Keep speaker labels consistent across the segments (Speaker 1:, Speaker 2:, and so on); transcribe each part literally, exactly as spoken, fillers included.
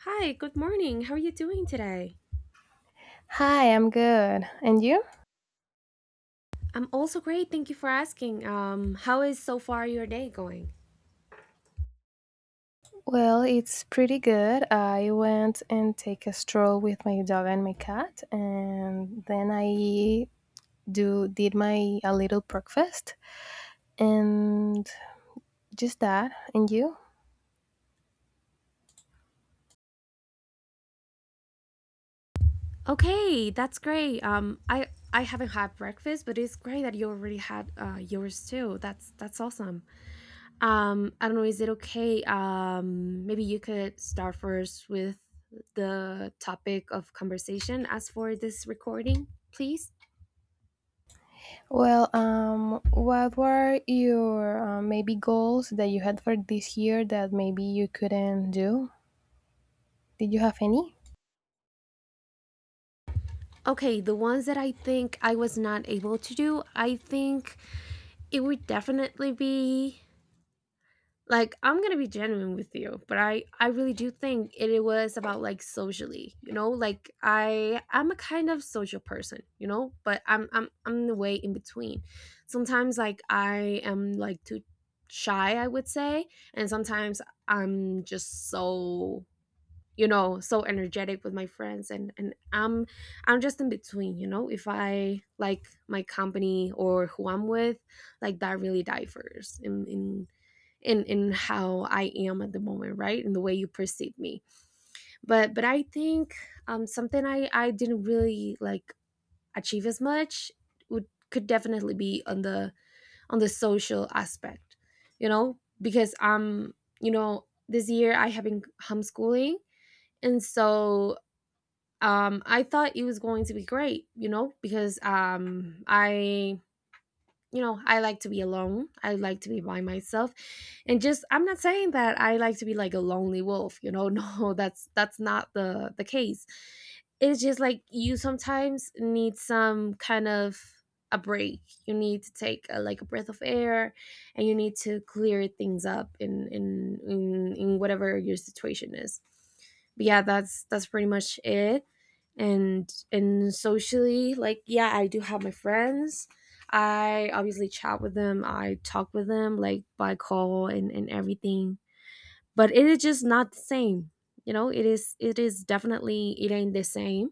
Speaker 1: Hi, good morning. How are you doing today?
Speaker 2: Hi, I'm good. And you?
Speaker 1: I'm also great. Thank you for asking. Um, how is so far your day going?
Speaker 2: Well, it's pretty good. I went and take a stroll with my dog and my cat, and then I do did my a little breakfast and just that. And you?
Speaker 1: Okay, that's great. Um, I I haven't had breakfast, but it's great that you already had uh, yours too. That's that's awesome. Um, I don't know. Is it okay? Um, maybe you could start first with the topic of conversation as for this recording, please.
Speaker 2: Well, um, what were your uh, maybe goals that you had for this year that maybe you couldn't do? Did you have any?
Speaker 1: Okay, the ones that I think I was not able to do, I think it would definitely be like I'm gonna be genuine with you, but i i really do think it, it was about, like, socially, you know, like i i'm a kind of social person, you know, but i'm i'm i'm the way in between. Sometimes like I am like too shy, I would say, and sometimes I'm just so, you know, so energetic with my friends, and and i'm i'm just in between, you know, if I like my company or who I'm with, like that really differs in in in in how I am at the moment, right? And the way you perceive me. But but I think um something I I didn't really like achieve as much would could definitely be on the on the social aspect, you know, because um you know, this year I have been homeschooling, and so um I thought it was going to be great, you know, because um I you know, I like to be alone. I like to be by myself. And just I'm not saying that I like to be like a lonely wolf, you know. No, that's that's not the the case. It's just like you sometimes need some kind of a break. You need to take a, like, a breath of air, and you need to clear things up in in in, in whatever your situation is. But yeah, that's that's pretty much it, and and socially, like, yeah, I do have my friends. I obviously chat with them, I talk with them like by call and, and everything. But it is just not the same. You know, it is, it is definitely, it ain't the same.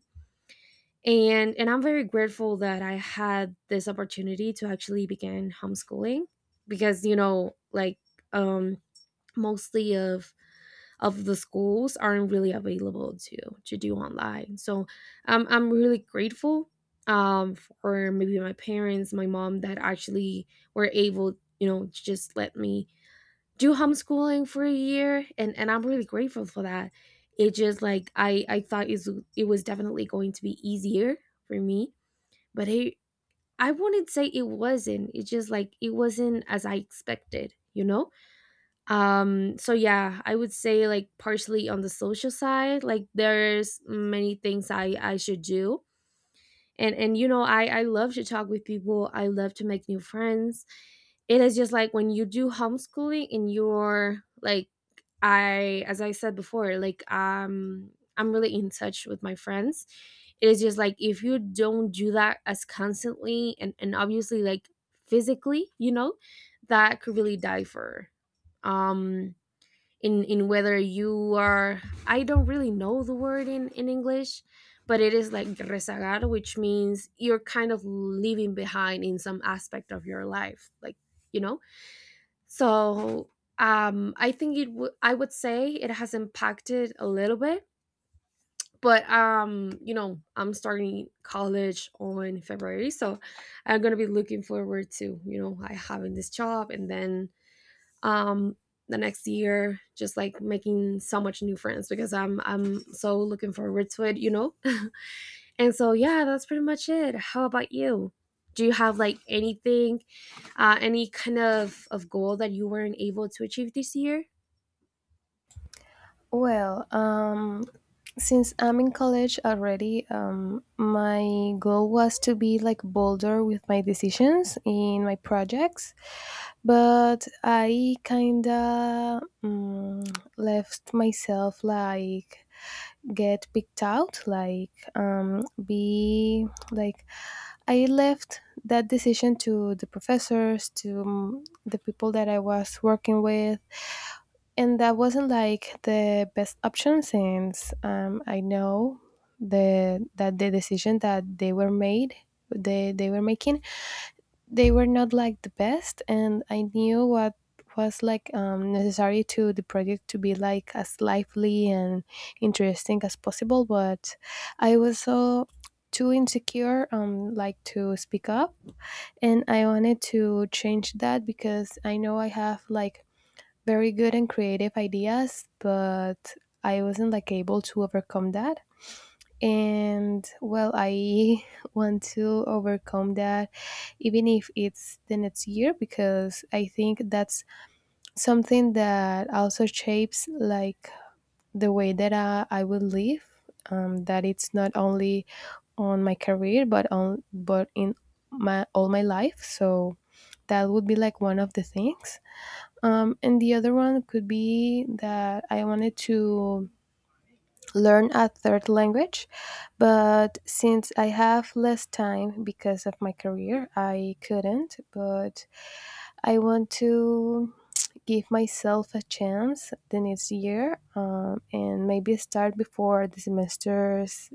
Speaker 1: And and I'm very grateful that I had this opportunity to actually begin homeschooling, because, you know, like, um mostly of of the schools aren't really available to to do online. So I'm I'm really grateful, um, for maybe my parents, my mom, that actually were able, you know, to just let me do homeschooling for a year, and and I'm really grateful for that. It just like I I thought is it was definitely going to be easier for me, but it, I wouldn't say it wasn't. It just like it wasn't as I expected, you know. Um, so yeah, I would say like partially on the social side, like there's many things I I should do. And and you know, I I love to talk with people. I love to make new friends. It is just like when you do homeschooling, and you're like, I, as I said before, like, um I'm really in touch with my friends. It is just like if you don't do that as constantly, and and obviously, like, physically, you know, that could really die for her. um in in whether you are, I don't really know the word in in English, but it is like rezagar, which means you're kind of leaving behind in some aspect of your life, like, you know. So, um, I think it would, I would say it has impacted a little bit, but, um, you know, I'm starting college on February, so I'm gonna be looking forward to, you know, I having this job, and then um the next year, just like making so much new friends, because i'm i'm so looking forward to it, you know. And so, yeah, that's pretty much it. How about you? Do you have like anything, uh any kind of of goal that you weren't able to achieve this year?
Speaker 2: Well, um, since I'm in college already, um, my goal was to be like bolder with my decisions in my projects, but I kinda um, left myself like get picked out, like um, be like I left that decision to the professors, to um, the people that I was working with and that wasn't like the best option since um, I know the that the decision that they were made they they were making they were not like the best and I knew what was like um, necessary to the project to be like as lively and interesting as possible but I was so too insecure um like to speak up and I wanted to change that because I know I have like very good and creative ideas, but I wasn't like able to overcome that. And well, I want to overcome that even if it's the next year because I think that's something that also shapes like the way that I, I will live. Um, that it's not only on my career but on but in my all my life. So that would be like one of the things. Um, and the other one could be that I wanted to learn a third language, but since I have less time because of my career, I couldn't. But I want to give myself a chance the next year um, and maybe start before the semesters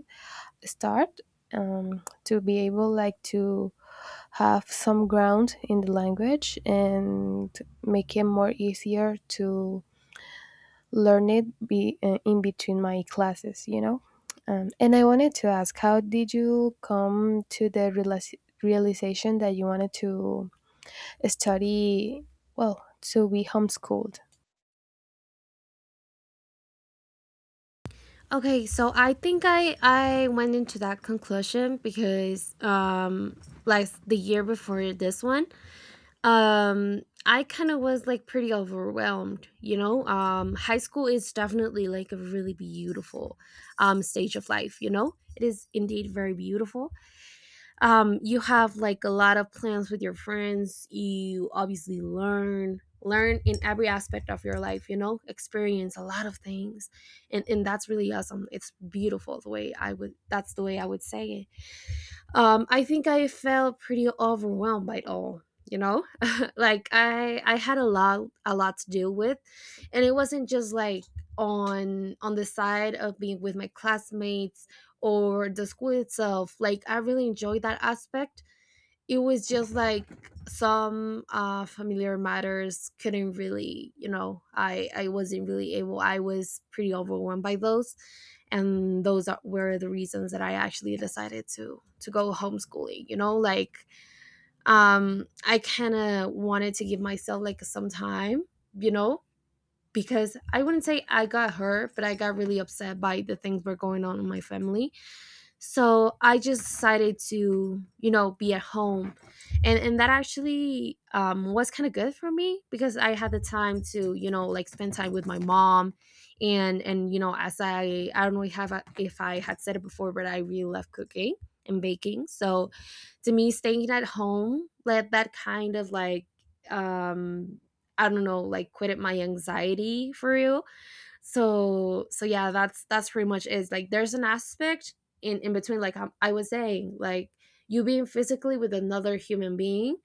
Speaker 2: start um, to be able like to have some ground in the language and make it more easier to learn it be uh, in between my classes you know um, and I wanted to ask how did you come to the realis- realization that you wanted to study well to be homeschooled.
Speaker 1: Okay, so I think i i went into that conclusion because, um like, the year before this one. Um, I kind of was like pretty overwhelmed, you know? Um, high school is definitely like a really beautiful um stage of life, you know? It is indeed very beautiful. Um, you have like a lot of plans with your friends. You obviously learn learn in every aspect of your life, you know, experience a lot of things, and and that's really awesome. It's beautiful the way I would, that's the way I would say it. Um, I think I felt pretty overwhelmed by it all. You know, like I I had a lot a lot to deal with, and it wasn't just like on on the side of being with my classmates or the school itself. Like, I really enjoyed that aspect, it was just like some uh, familiar matters couldn't really, you know, i i wasn't really able, I was pretty overwhelmed by those. And those are, were the reasons that I actually decided to to go homeschooling, you know, like, um I kind of wanted to give myself like some time, you know, because I wouldn't say I got hurt, but I got really upset by the things were going on in my family. So I just decided to, you know, be at home. And and that actually, um, was kind of good for me, because I had the time to, you know, like, spend time with my mom. And and you know, as i i don't know if I, if I had said it before, but I really love cooking and baking. So to me, staying at home let that kind of like, um I don't know, like quitted my anxiety for real. So, so yeah, that's that's pretty much is, like, there's an aspect in in between, like, um, I was saying, like, you being physically with another human being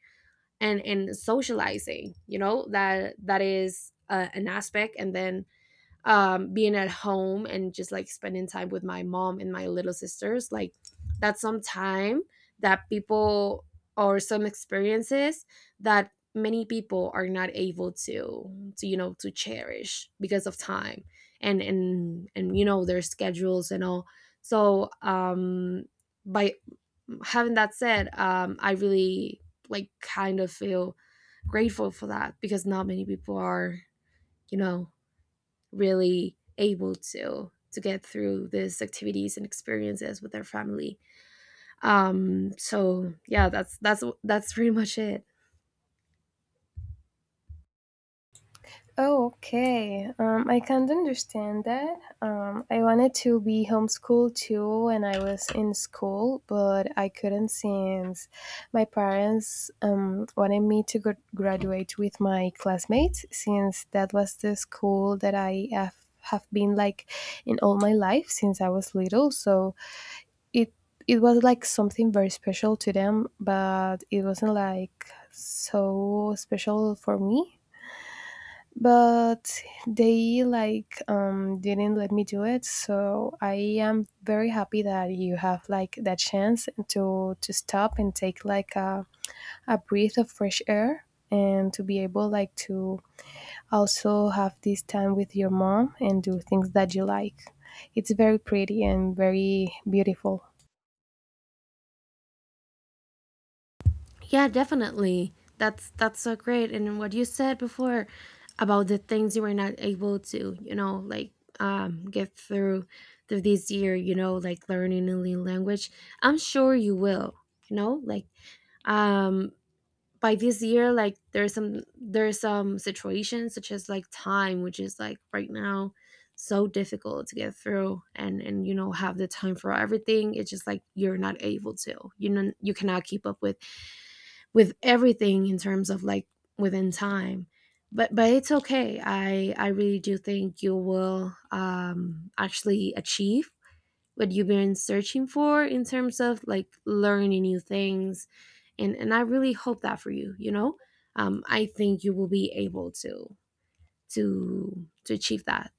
Speaker 1: and and socializing, you know, that that is, uh, an aspect. And then um being at home and just like spending time with my mom and my little sisters, like that's some time that people, or some experiences, that many people are not able to to, you know, to cherish because of time, and and and you know, their schedules and all. So, um by having that said, um I really like kind of feel grateful for that, because not many people are, you know, really able to to get through these activities and experiences with their family. Um, so yeah, that's that's that's pretty much it.
Speaker 2: Oh, okay. Um, I can't understand that. Um, I wanted to be homeschooled too when I was in school, but I couldn't since my parents um, wanted me to gr- graduate with my classmates, since that was the school that I have have been like in all my life since I was little. So it it was like something very special to them, but it wasn't like so special for me but they like um, didn't let me do it so I am very happy that you have like that chance to to stop and take like a, a breath of fresh air and to be able like to also have this time with your mom and do things that you like. It's very pretty and very beautiful.
Speaker 1: Yeah, definitely. That's that's so great. And what you said before about the things you were not able to, you know, like, um, get through through this year, you know, like learning a new language. I'm sure you will. You know, like, um, by this year, like, there's some there's some situations such as like time, which is like right now so difficult to get through, and and you know, have the time for everything. It's just like you're not able to, you know, you cannot keep up with with everything in terms of, like, within time. But but it's okay, i i really do think you will um actually achieve what you've been searching for in terms of, like, learning new things, and and I really hope that for you. You know, um, I think you will be able to to to achieve that.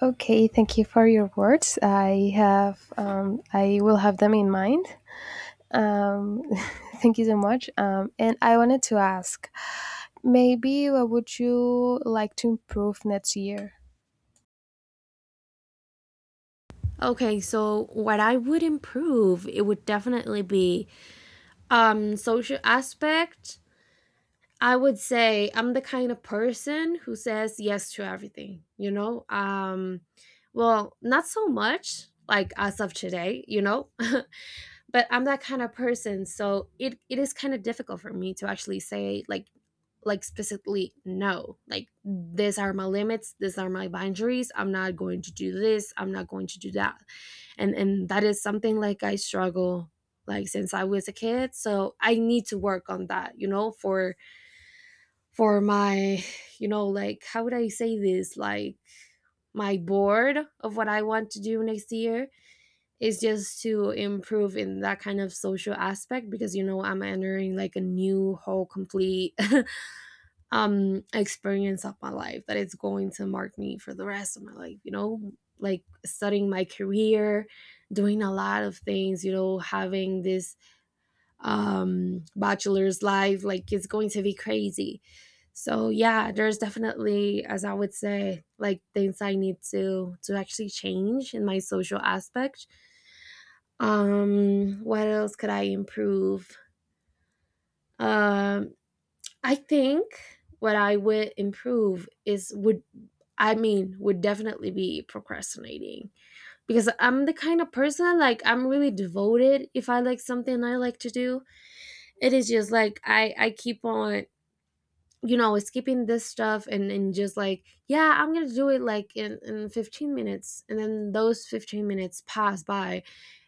Speaker 2: Okay, thank you for your words. I have um, i will have them in mind. Um, Thank you so much. Um, and I wanted to ask, maybe what would you like to improve next year?
Speaker 1: Okay, so what I would improve, it would definitely be um social aspect. I would say I'm the kind of person who says yes to everything, you know? Um well, not so much like as of today, you know, but I'm that kind of person, so it it is kind of difficult for me to actually say, like, like specifically no, like, these are my limits, these are my boundaries, I'm not going to do this, I'm not going to do that. And and that is something like I struggle, like since I was a kid, so I need to work on that, you know, for for my, you know, like, how would I say this, like, my board of what I want to do next year is just to improve in that kind of social aspect, because, you know, I'm entering like a new whole complete um experience of my life that is going to mark me for the rest of my life, you know, like studying my career, doing a lot of things, you know, having this um bachelor's life, like it's going to be crazy. So yeah, there's definitely, as I would say, like, things I need to to actually change in my social aspect. Um what else could I improve? Um i think what I would improve is would, I mean, would definitely be procrastinating, because I'm the kind of person like, I'm really devoted. If I like something I like to do, it is just like I I keep on you know skipping this stuff and and just like, yeah, I'm gonna do it like in in fifteen minutes. And then those fifteen minutes pass by,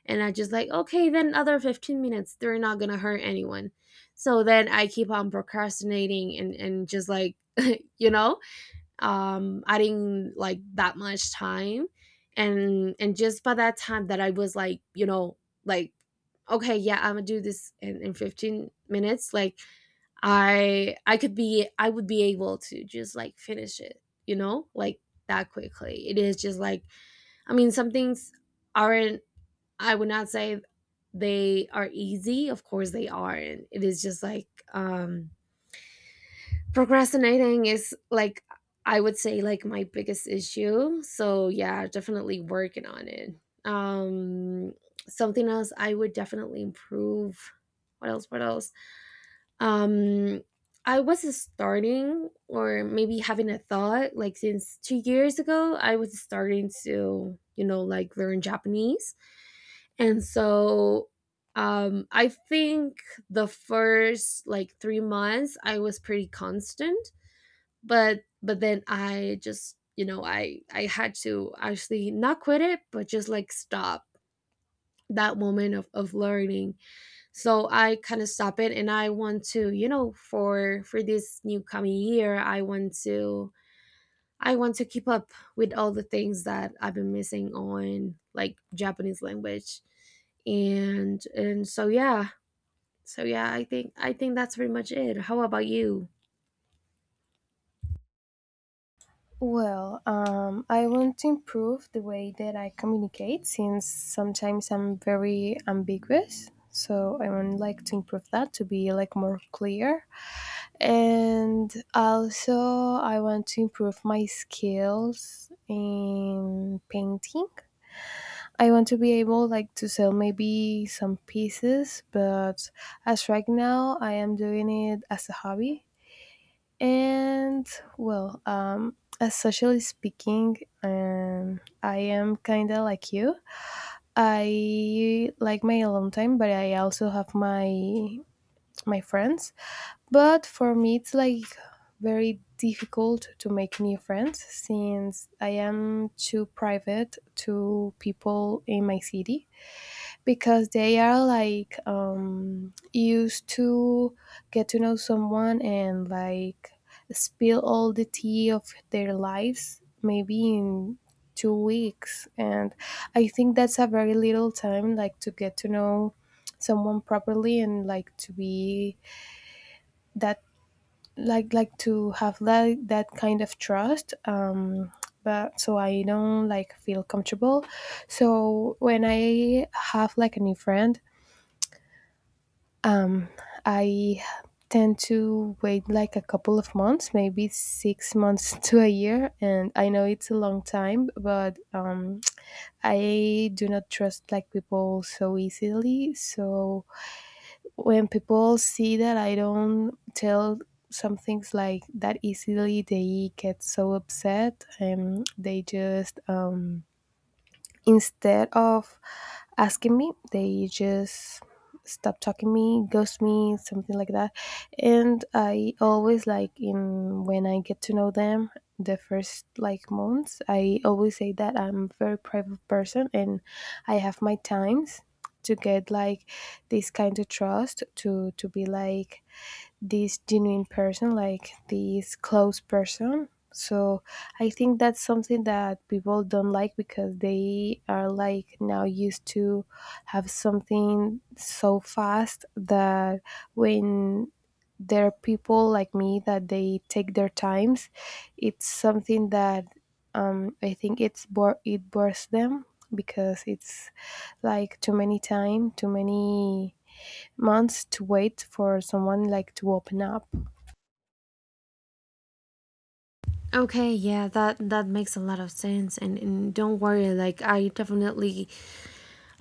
Speaker 1: and I just like, okay, then other fifteen minutes they're not gonna hurt anyone. So then I keep on procrastinating and and just like, you know um I didn't like that much time. And and just by that time that I was like, you know like okay, yeah, I'm gonna do this in, in fifteen minutes, like i i could be, I would be able to just like finish it, you know like that quickly. It is just like, I mean, some things aren't, I would not say they are easy. Of course they aren't. It is just like, um procrastinating is like, I would say, like my biggest issue. So yeah, definitely working on it. Um Something else I would definitely improve. What else? What else? Um I was starting or maybe having a thought like since two years ago I was starting to, you know, like learn Japanese. And so um I think the first like three months I was pretty constant, but but then I just, you know, i i had to actually not quit it but just like stop that moment of, of learning. So I kind of stop it, and I want to, you know, for for this new coming year I want to, I want to keep up with all the things that I've been missing on, like Japanese language. And and so yeah. So yeah i think i think that's pretty much it. How about you?
Speaker 2: Well, um, I want to improve the way that I communicate since sometimes I'm very ambiguous. So I would like to improve that to be like more clear. And also I want to improve my skills in painting. I want to be able like to sell maybe some pieces, but as right now I am doing it as a hobby. And well, um as socially speaking, um I am kind of like you. I like my alone time, but I also have my my friends. But for me it's like very difficult to make new friends since I am too private to people in my city because they are like um, used to get to know someone and like spill all the tea of their lives maybe in two weeks. And I think that's a very little time like to get to know someone properly and like to be that like like to have that that kind of trust um but so I don't like feel comfortable so when I have like a new friend um I tend to wait like a couple of months, maybe six months to a year. And I know it's a long time, but um, I do not trust like people so easily. So when people see that I don't tell some things like that easily, they get so upset and they just um, instead of asking me. They just stop talking me, ghost me, something like that. And I always like in when I get to know them the first like months, I always say that I'm a very private person and I have my times to get like this kind of trust to to be like this genuine person, like this close person. So I think that's something that people don't like because they are like now used to have something so fast that when there are people like me that they take their times, it's something that um, I think it's bore it bores them because it's like too many time, too many months to wait for someone like to open up.
Speaker 1: Okay, yeah, that that makes a lot of sense, and, and don't worry. Like I definitely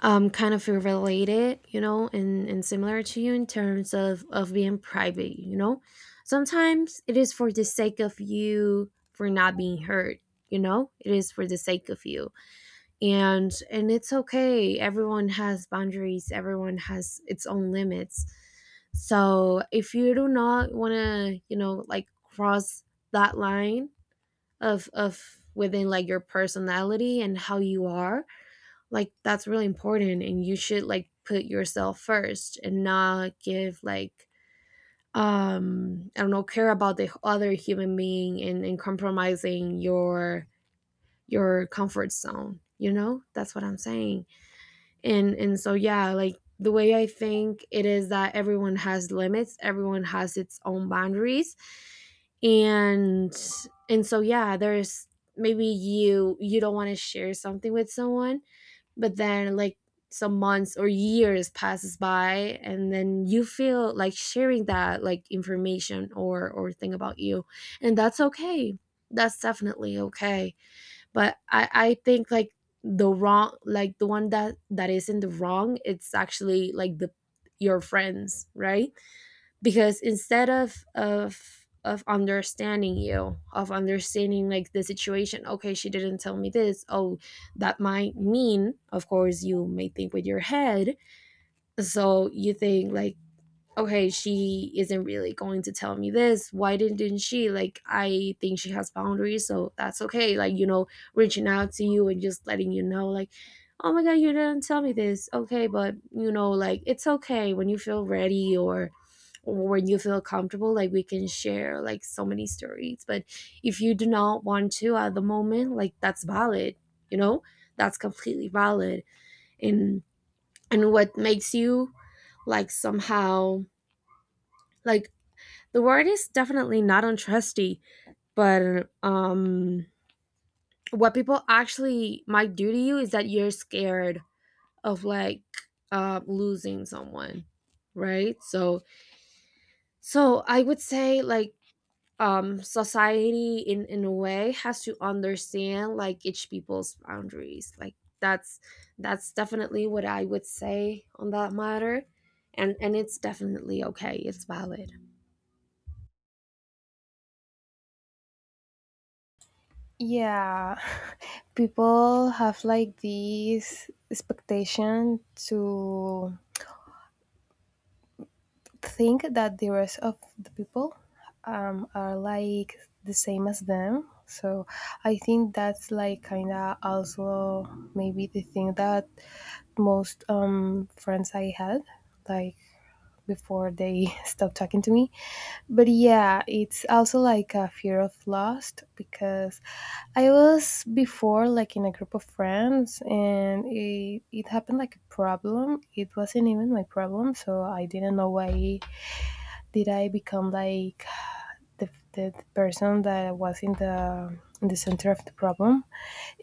Speaker 1: um kind of feel related, you know, and and similar to you in terms of of being private, you know. Sometimes it is for the sake of you for not being hurt, you know. It is for the sake of you, and and it's okay. Everyone has boundaries. Everyone has its own limits. So if you do not want to, you know, like cross that line of of within like your personality and how you are, like that's really important, and you should like put yourself first and not give like, um I don't know, care about the other human being, and, and compromising your your comfort zone, you know, that's what I'm saying. And and so yeah, like the way I think it is that everyone has limits, everyone has its own boundaries. And and so yeah, there's, maybe you, you don't want to share something with someone, but then like some months or years passes by and then you feel like sharing that like information or or thing about you, and that's okay. That's definitely okay. But I, I think like the wrong, like the one that that is in the wrong, it's actually like the, your friends, right? Because instead of of of understanding you, of understanding like the situation, okay, she didn't tell me this, oh, that might mean, of course you may think with your head. So you think like, okay, she isn't really going to tell me this. Why didn't, didn't she? Like, I think she has boundaries, so that's okay. Like, you know, reaching out to you and just letting you know, like, oh my God, you didn't tell me this. Okay, but, you know, like, it's okay when you feel ready or or when you feel comfortable, like we can share like so many stories, but if you do not want to at the moment, like that's valid, you know. That's completely valid. and and what makes you like somehow, like the word is definitely not untrusty, but um, what people actually might do to you is that you're scared of like, uh, losing someone, right? So, so I would say like, um, society in in a way has to understand like each people's boundaries. Like that's that's definitely what I would say on that matter, and and it's definitely okay. It's valid.
Speaker 2: Yeah, people have like this expectation to think that the rest of the people um, are like the same as them. So I think that's like kind of also maybe the thing that most um, friends I had like before they stop talking to me. But yeah, it's also like a fear of lost because I was before like in a group of friends and it, it happened like a problem. It wasn't even my problem, so I didn't know why did I become like the, the person that was in the in the center of the problem.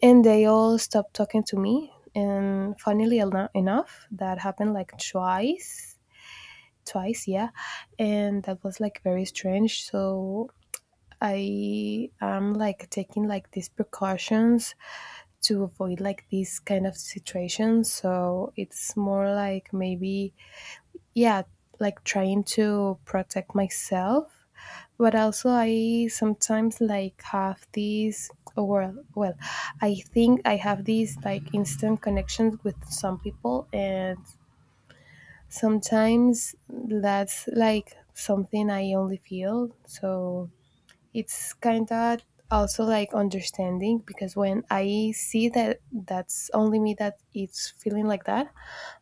Speaker 2: And they all stopped talking to me. And funnily eno- enough, that happened like twice twice, yeah. And that was like very strange. So I am like taking like these precautions to avoid like these kind of situations. So it's more like maybe, yeah, like trying to protect myself. But also, I sometimes like have these, oh, well, well, I think I have these like instant connections with some people, and sometimes that's like something I only feel. So it's kind of also like understanding because when I see that that's only me that it's feeling like that,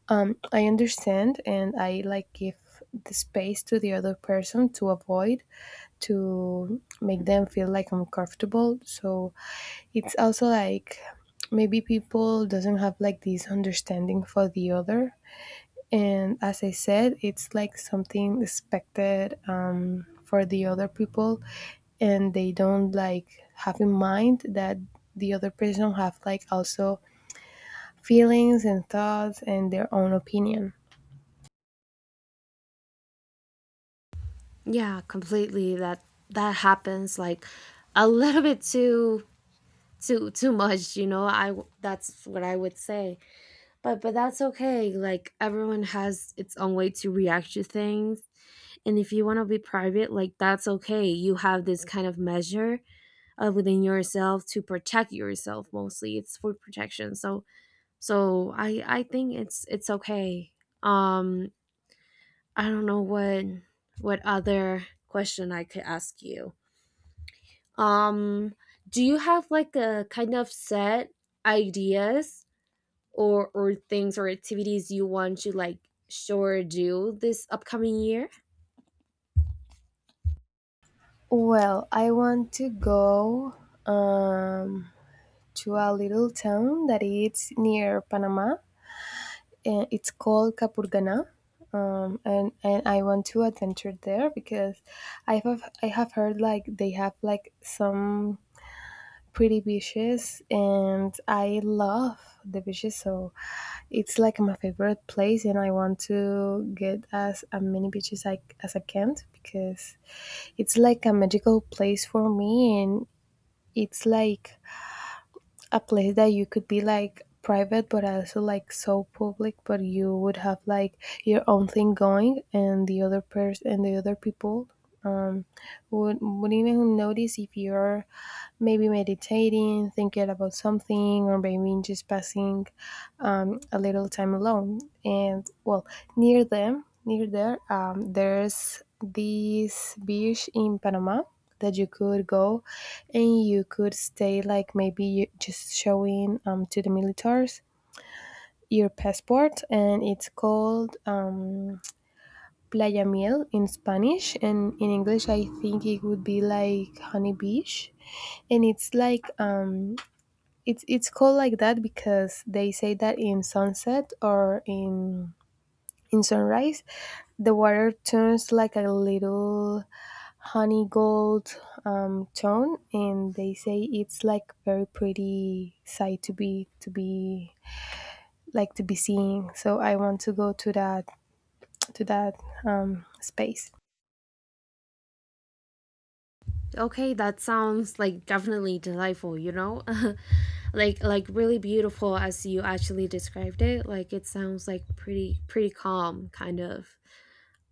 Speaker 2: um, I understand and I like give the space to the other person to avoid to make them feel like uncomfortable. So it's also like maybe people doesn't have like this understanding for the other and as I said, it's like something expected um, for the other people, and they don't like have in mind that the other person have like also feelings and thoughts and their own opinion.
Speaker 1: Yeah, completely. That that happens like a little bit too too too much, you know. I w- that's what I would say. But but that's okay. Like everyone has its own way to react to things. And if you want to be private, like that's okay. You have this kind of measure, uh, within yourself to protect yourself, mostly. It's for protection. So so I I think it's it's okay. Um I don't know what what other question I could ask you. Um, do you have like a kind of set ideas or or things or activities you want to like sure do this upcoming year?
Speaker 2: Well, I want to go um, to a little town that is near Panama. Uh, it's called Kapurgana, um, and and I want to adventure there because I have I have heard like they have like some pretty beaches, and I love the beaches, so it's like my favorite place, and I want to get as uh, many beaches I, as I can because it's like a magical place for me, and it's like a place that you could be like private but also like so public but you would have like your own thing going and the other person and the other people um would would even notice if you're maybe meditating thinking about something or maybe just passing um, a little time alone. And well, near them, near there, um, there's this beach in Panama that you could go and you could stay like maybe you just showing um, to the militaries your passport and it's called um, playa miel in Spanish and in English I think it would be like honey beach. And it's like um, it's it's called like that because they say that in sunset or in in sunrise, the water turns like a little honey gold um, tone, and they say it's like very pretty sight to be to be like to be seeing. So I want to go to that to that um, space.
Speaker 1: Okay, that sounds like definitely delightful, you know? like like really beautiful as you actually described it. Like it sounds like pretty pretty calm kind of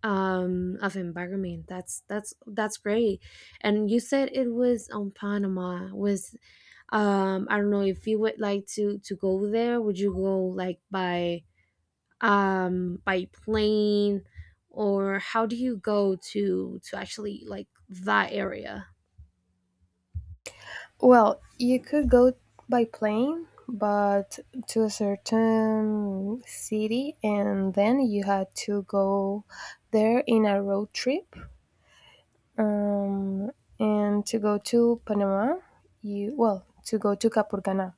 Speaker 1: um of environment. That's, that's that's great. And you said it was on Panama. Was, um I don't know if you would like to to go there, would you go like by, um by plane, or how do you go to to actually like that area?
Speaker 2: Well, you could go by plane, but to a certain city, and then you had to go there in a road trip um, and to go to Panama, you well to go to Capurganá,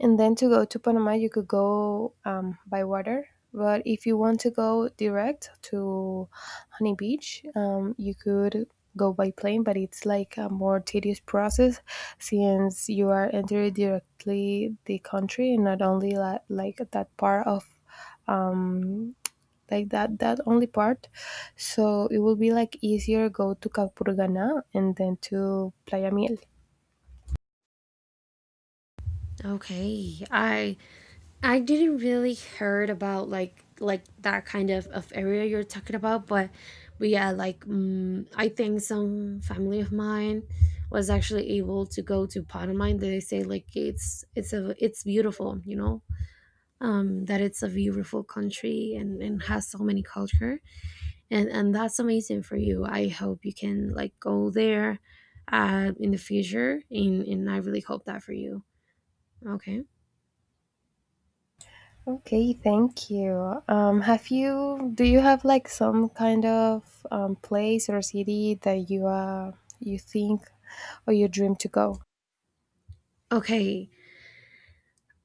Speaker 2: and then to go to Panama, you could go um, by water. But if you want to go direct to Honey Beach, um, you could go by plane, but it's like a more tedious process since you are entering directly the country and not only la- like that part of um, like that that only part so it will be like easier go to Capurganá and then to playa miel.
Speaker 1: Okay, i i didn't really heard about like like that kind of, of area you're talking about, but but yeah, like mm, I think some family of mine was actually able to go to Panama, and they say like it's it's a, it's beautiful, you know. um, that it's a beautiful country, and, and has so many culture, and and that's amazing for you. I hope you can like go there, uh, in the future, and, and I really hope that for you. Okay.
Speaker 2: Okay, thank you. Um have you Do you have like some kind of um, place or city that you uh you think or you dream to go?
Speaker 1: Okay,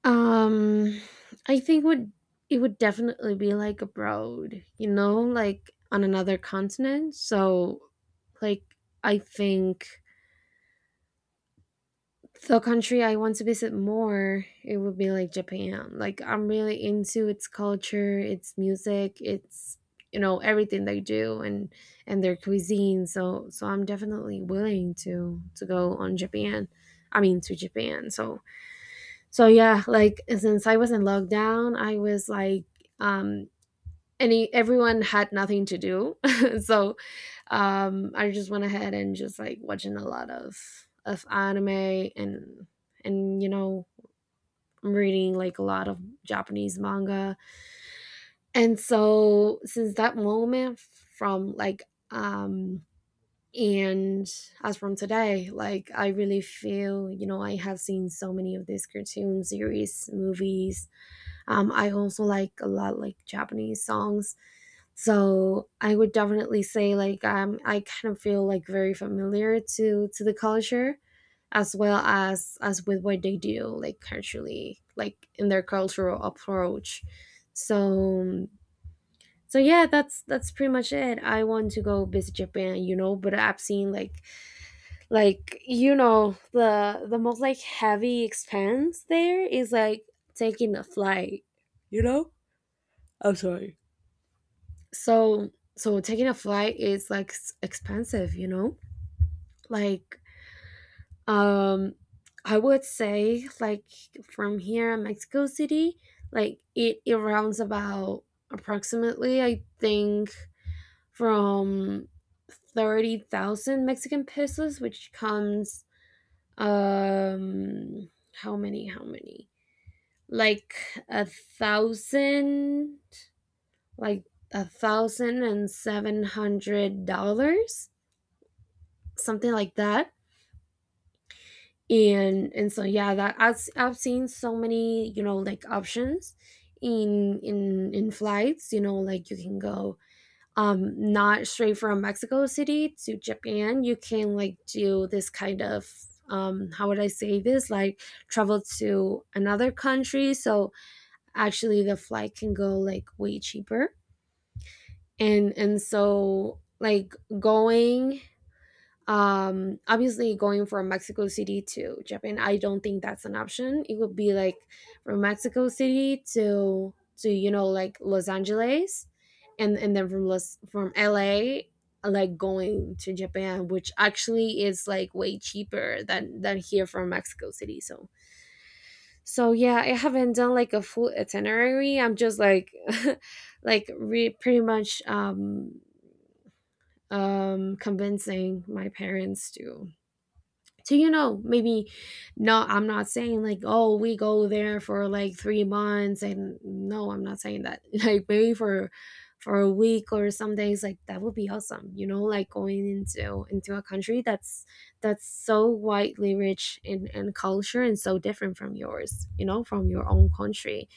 Speaker 1: um I think would, it would definitely be like abroad, you know, like on another continent. So like I think the country I want to visit more, it would be like Japan. Like I'm really into its culture, its music, its, you know, everything they do, and and their cuisine. So so I'm definitely willing to to go on Japan. I mean to Japan. So so yeah, like since I was in lockdown, I was like, um any, everyone had nothing to do so um I just went ahead and just like watching a lot of of anime, and and you know, I'm reading like a lot of Japanese manga. And so since that moment from like, um and as from today, like I really feel, you know, I have seen so many of these cartoon series, movies, um, I also like a lot like Japanese songs. So I would definitely say like, um, I kind of feel like very familiar to to the culture, as well as as with what they do, like culturally, like in their cultural approach. So um, so yeah, that's that's pretty much it. I want to go visit Japan, you know, but I've seen like like you know, the the most like heavy expense there is like taking a flight. So so taking a flight is like s- expensive, you know, like, um I would say like from here in Mexico City, like it, it rounds about approximately I think, from thirty thousand Mexican pesos, which comes, um how many how many like a thousand, like a thousand and seven hundred dollars, something like that. And and so yeah, that I've, I've seen so many, you know, like options in in in flights, you know, like you can go, um not straight from Mexico City to Japan. You can like do this kind of, um how would I say this, like travel to another country, so actually the flight can go like way cheaper. And and so like, going, um obviously going from Mexico City to Japan, I don't think that's an option. It would be like from Mexico City to to you know, like Los Angeles, and and then from Los, from LA, like going to Japan, which actually is like way cheaper than than here from Mexico City. So so yeah, I haven't done like a full itinerary, I'm just like like re- pretty much um um convincing my parents to, so you know, maybe no, I'm not saying like, oh, we go there for like three months, and no, I'm not saying that like maybe for for a week or some days, like that would be awesome, you know, like going into into a country that's that's so widely rich in in culture and so different from yours, you know, from your own country.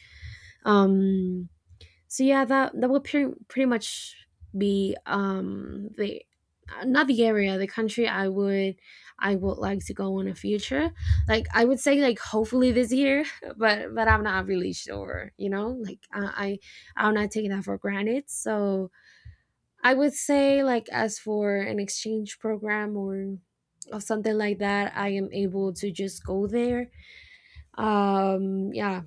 Speaker 1: um so yeah, that that would pretty pretty much be, um the, uh, not the area, the country I would, I would like to go in the future. Like I would say, like hopefully this year, but but I'm not really sure, you know? Like I, I I'm not taking that for granted. So I would say like as for an exchange program or or something like that, I am able to just go there. Um yeah,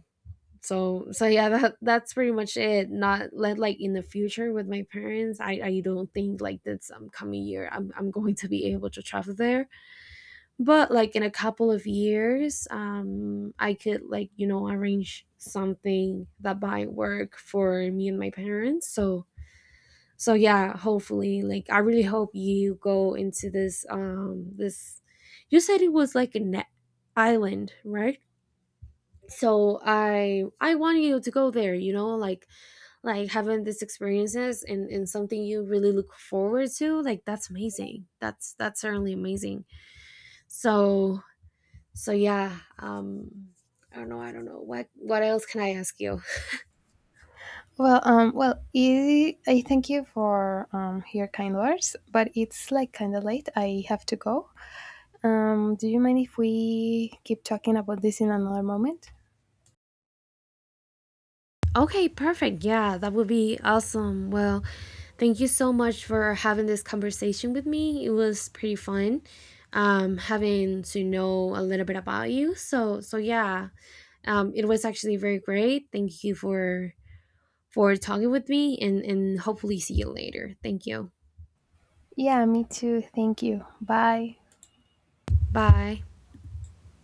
Speaker 1: so so yeah, that that's pretty much it. Not let like in the future with my parents, i i don't think like this, um, coming year I'm, I'm going to be able to travel there, but like in a couple of years, um I could like, you know, arrange something that might work for me and my parents. So so yeah, hopefully, like I really hope you go into this, um this, you said it was like an island, right? So i i want you to go there, you know, like like having these experiences, and, and something you really look forward to, like that's amazing. that's that's certainly amazing. So so yeah, um I don't know, I don't know what what else can I ask you.
Speaker 2: Well, um well i, I thank you for um your kind words but it's like kind of late. I have to go. Um do you mind if we keep talking about this in another moment?
Speaker 1: Okay, perfect, yeah, that would be awesome. Well, thank you so much for having this conversation with me. It was pretty fun, um having to know a little bit about you. So so yeah, um it was actually very great. Thank you for for talking with me, and, and hopefully see you later. Thank you.
Speaker 2: Yeah, me too. Thank you. Bye.
Speaker 1: Bye.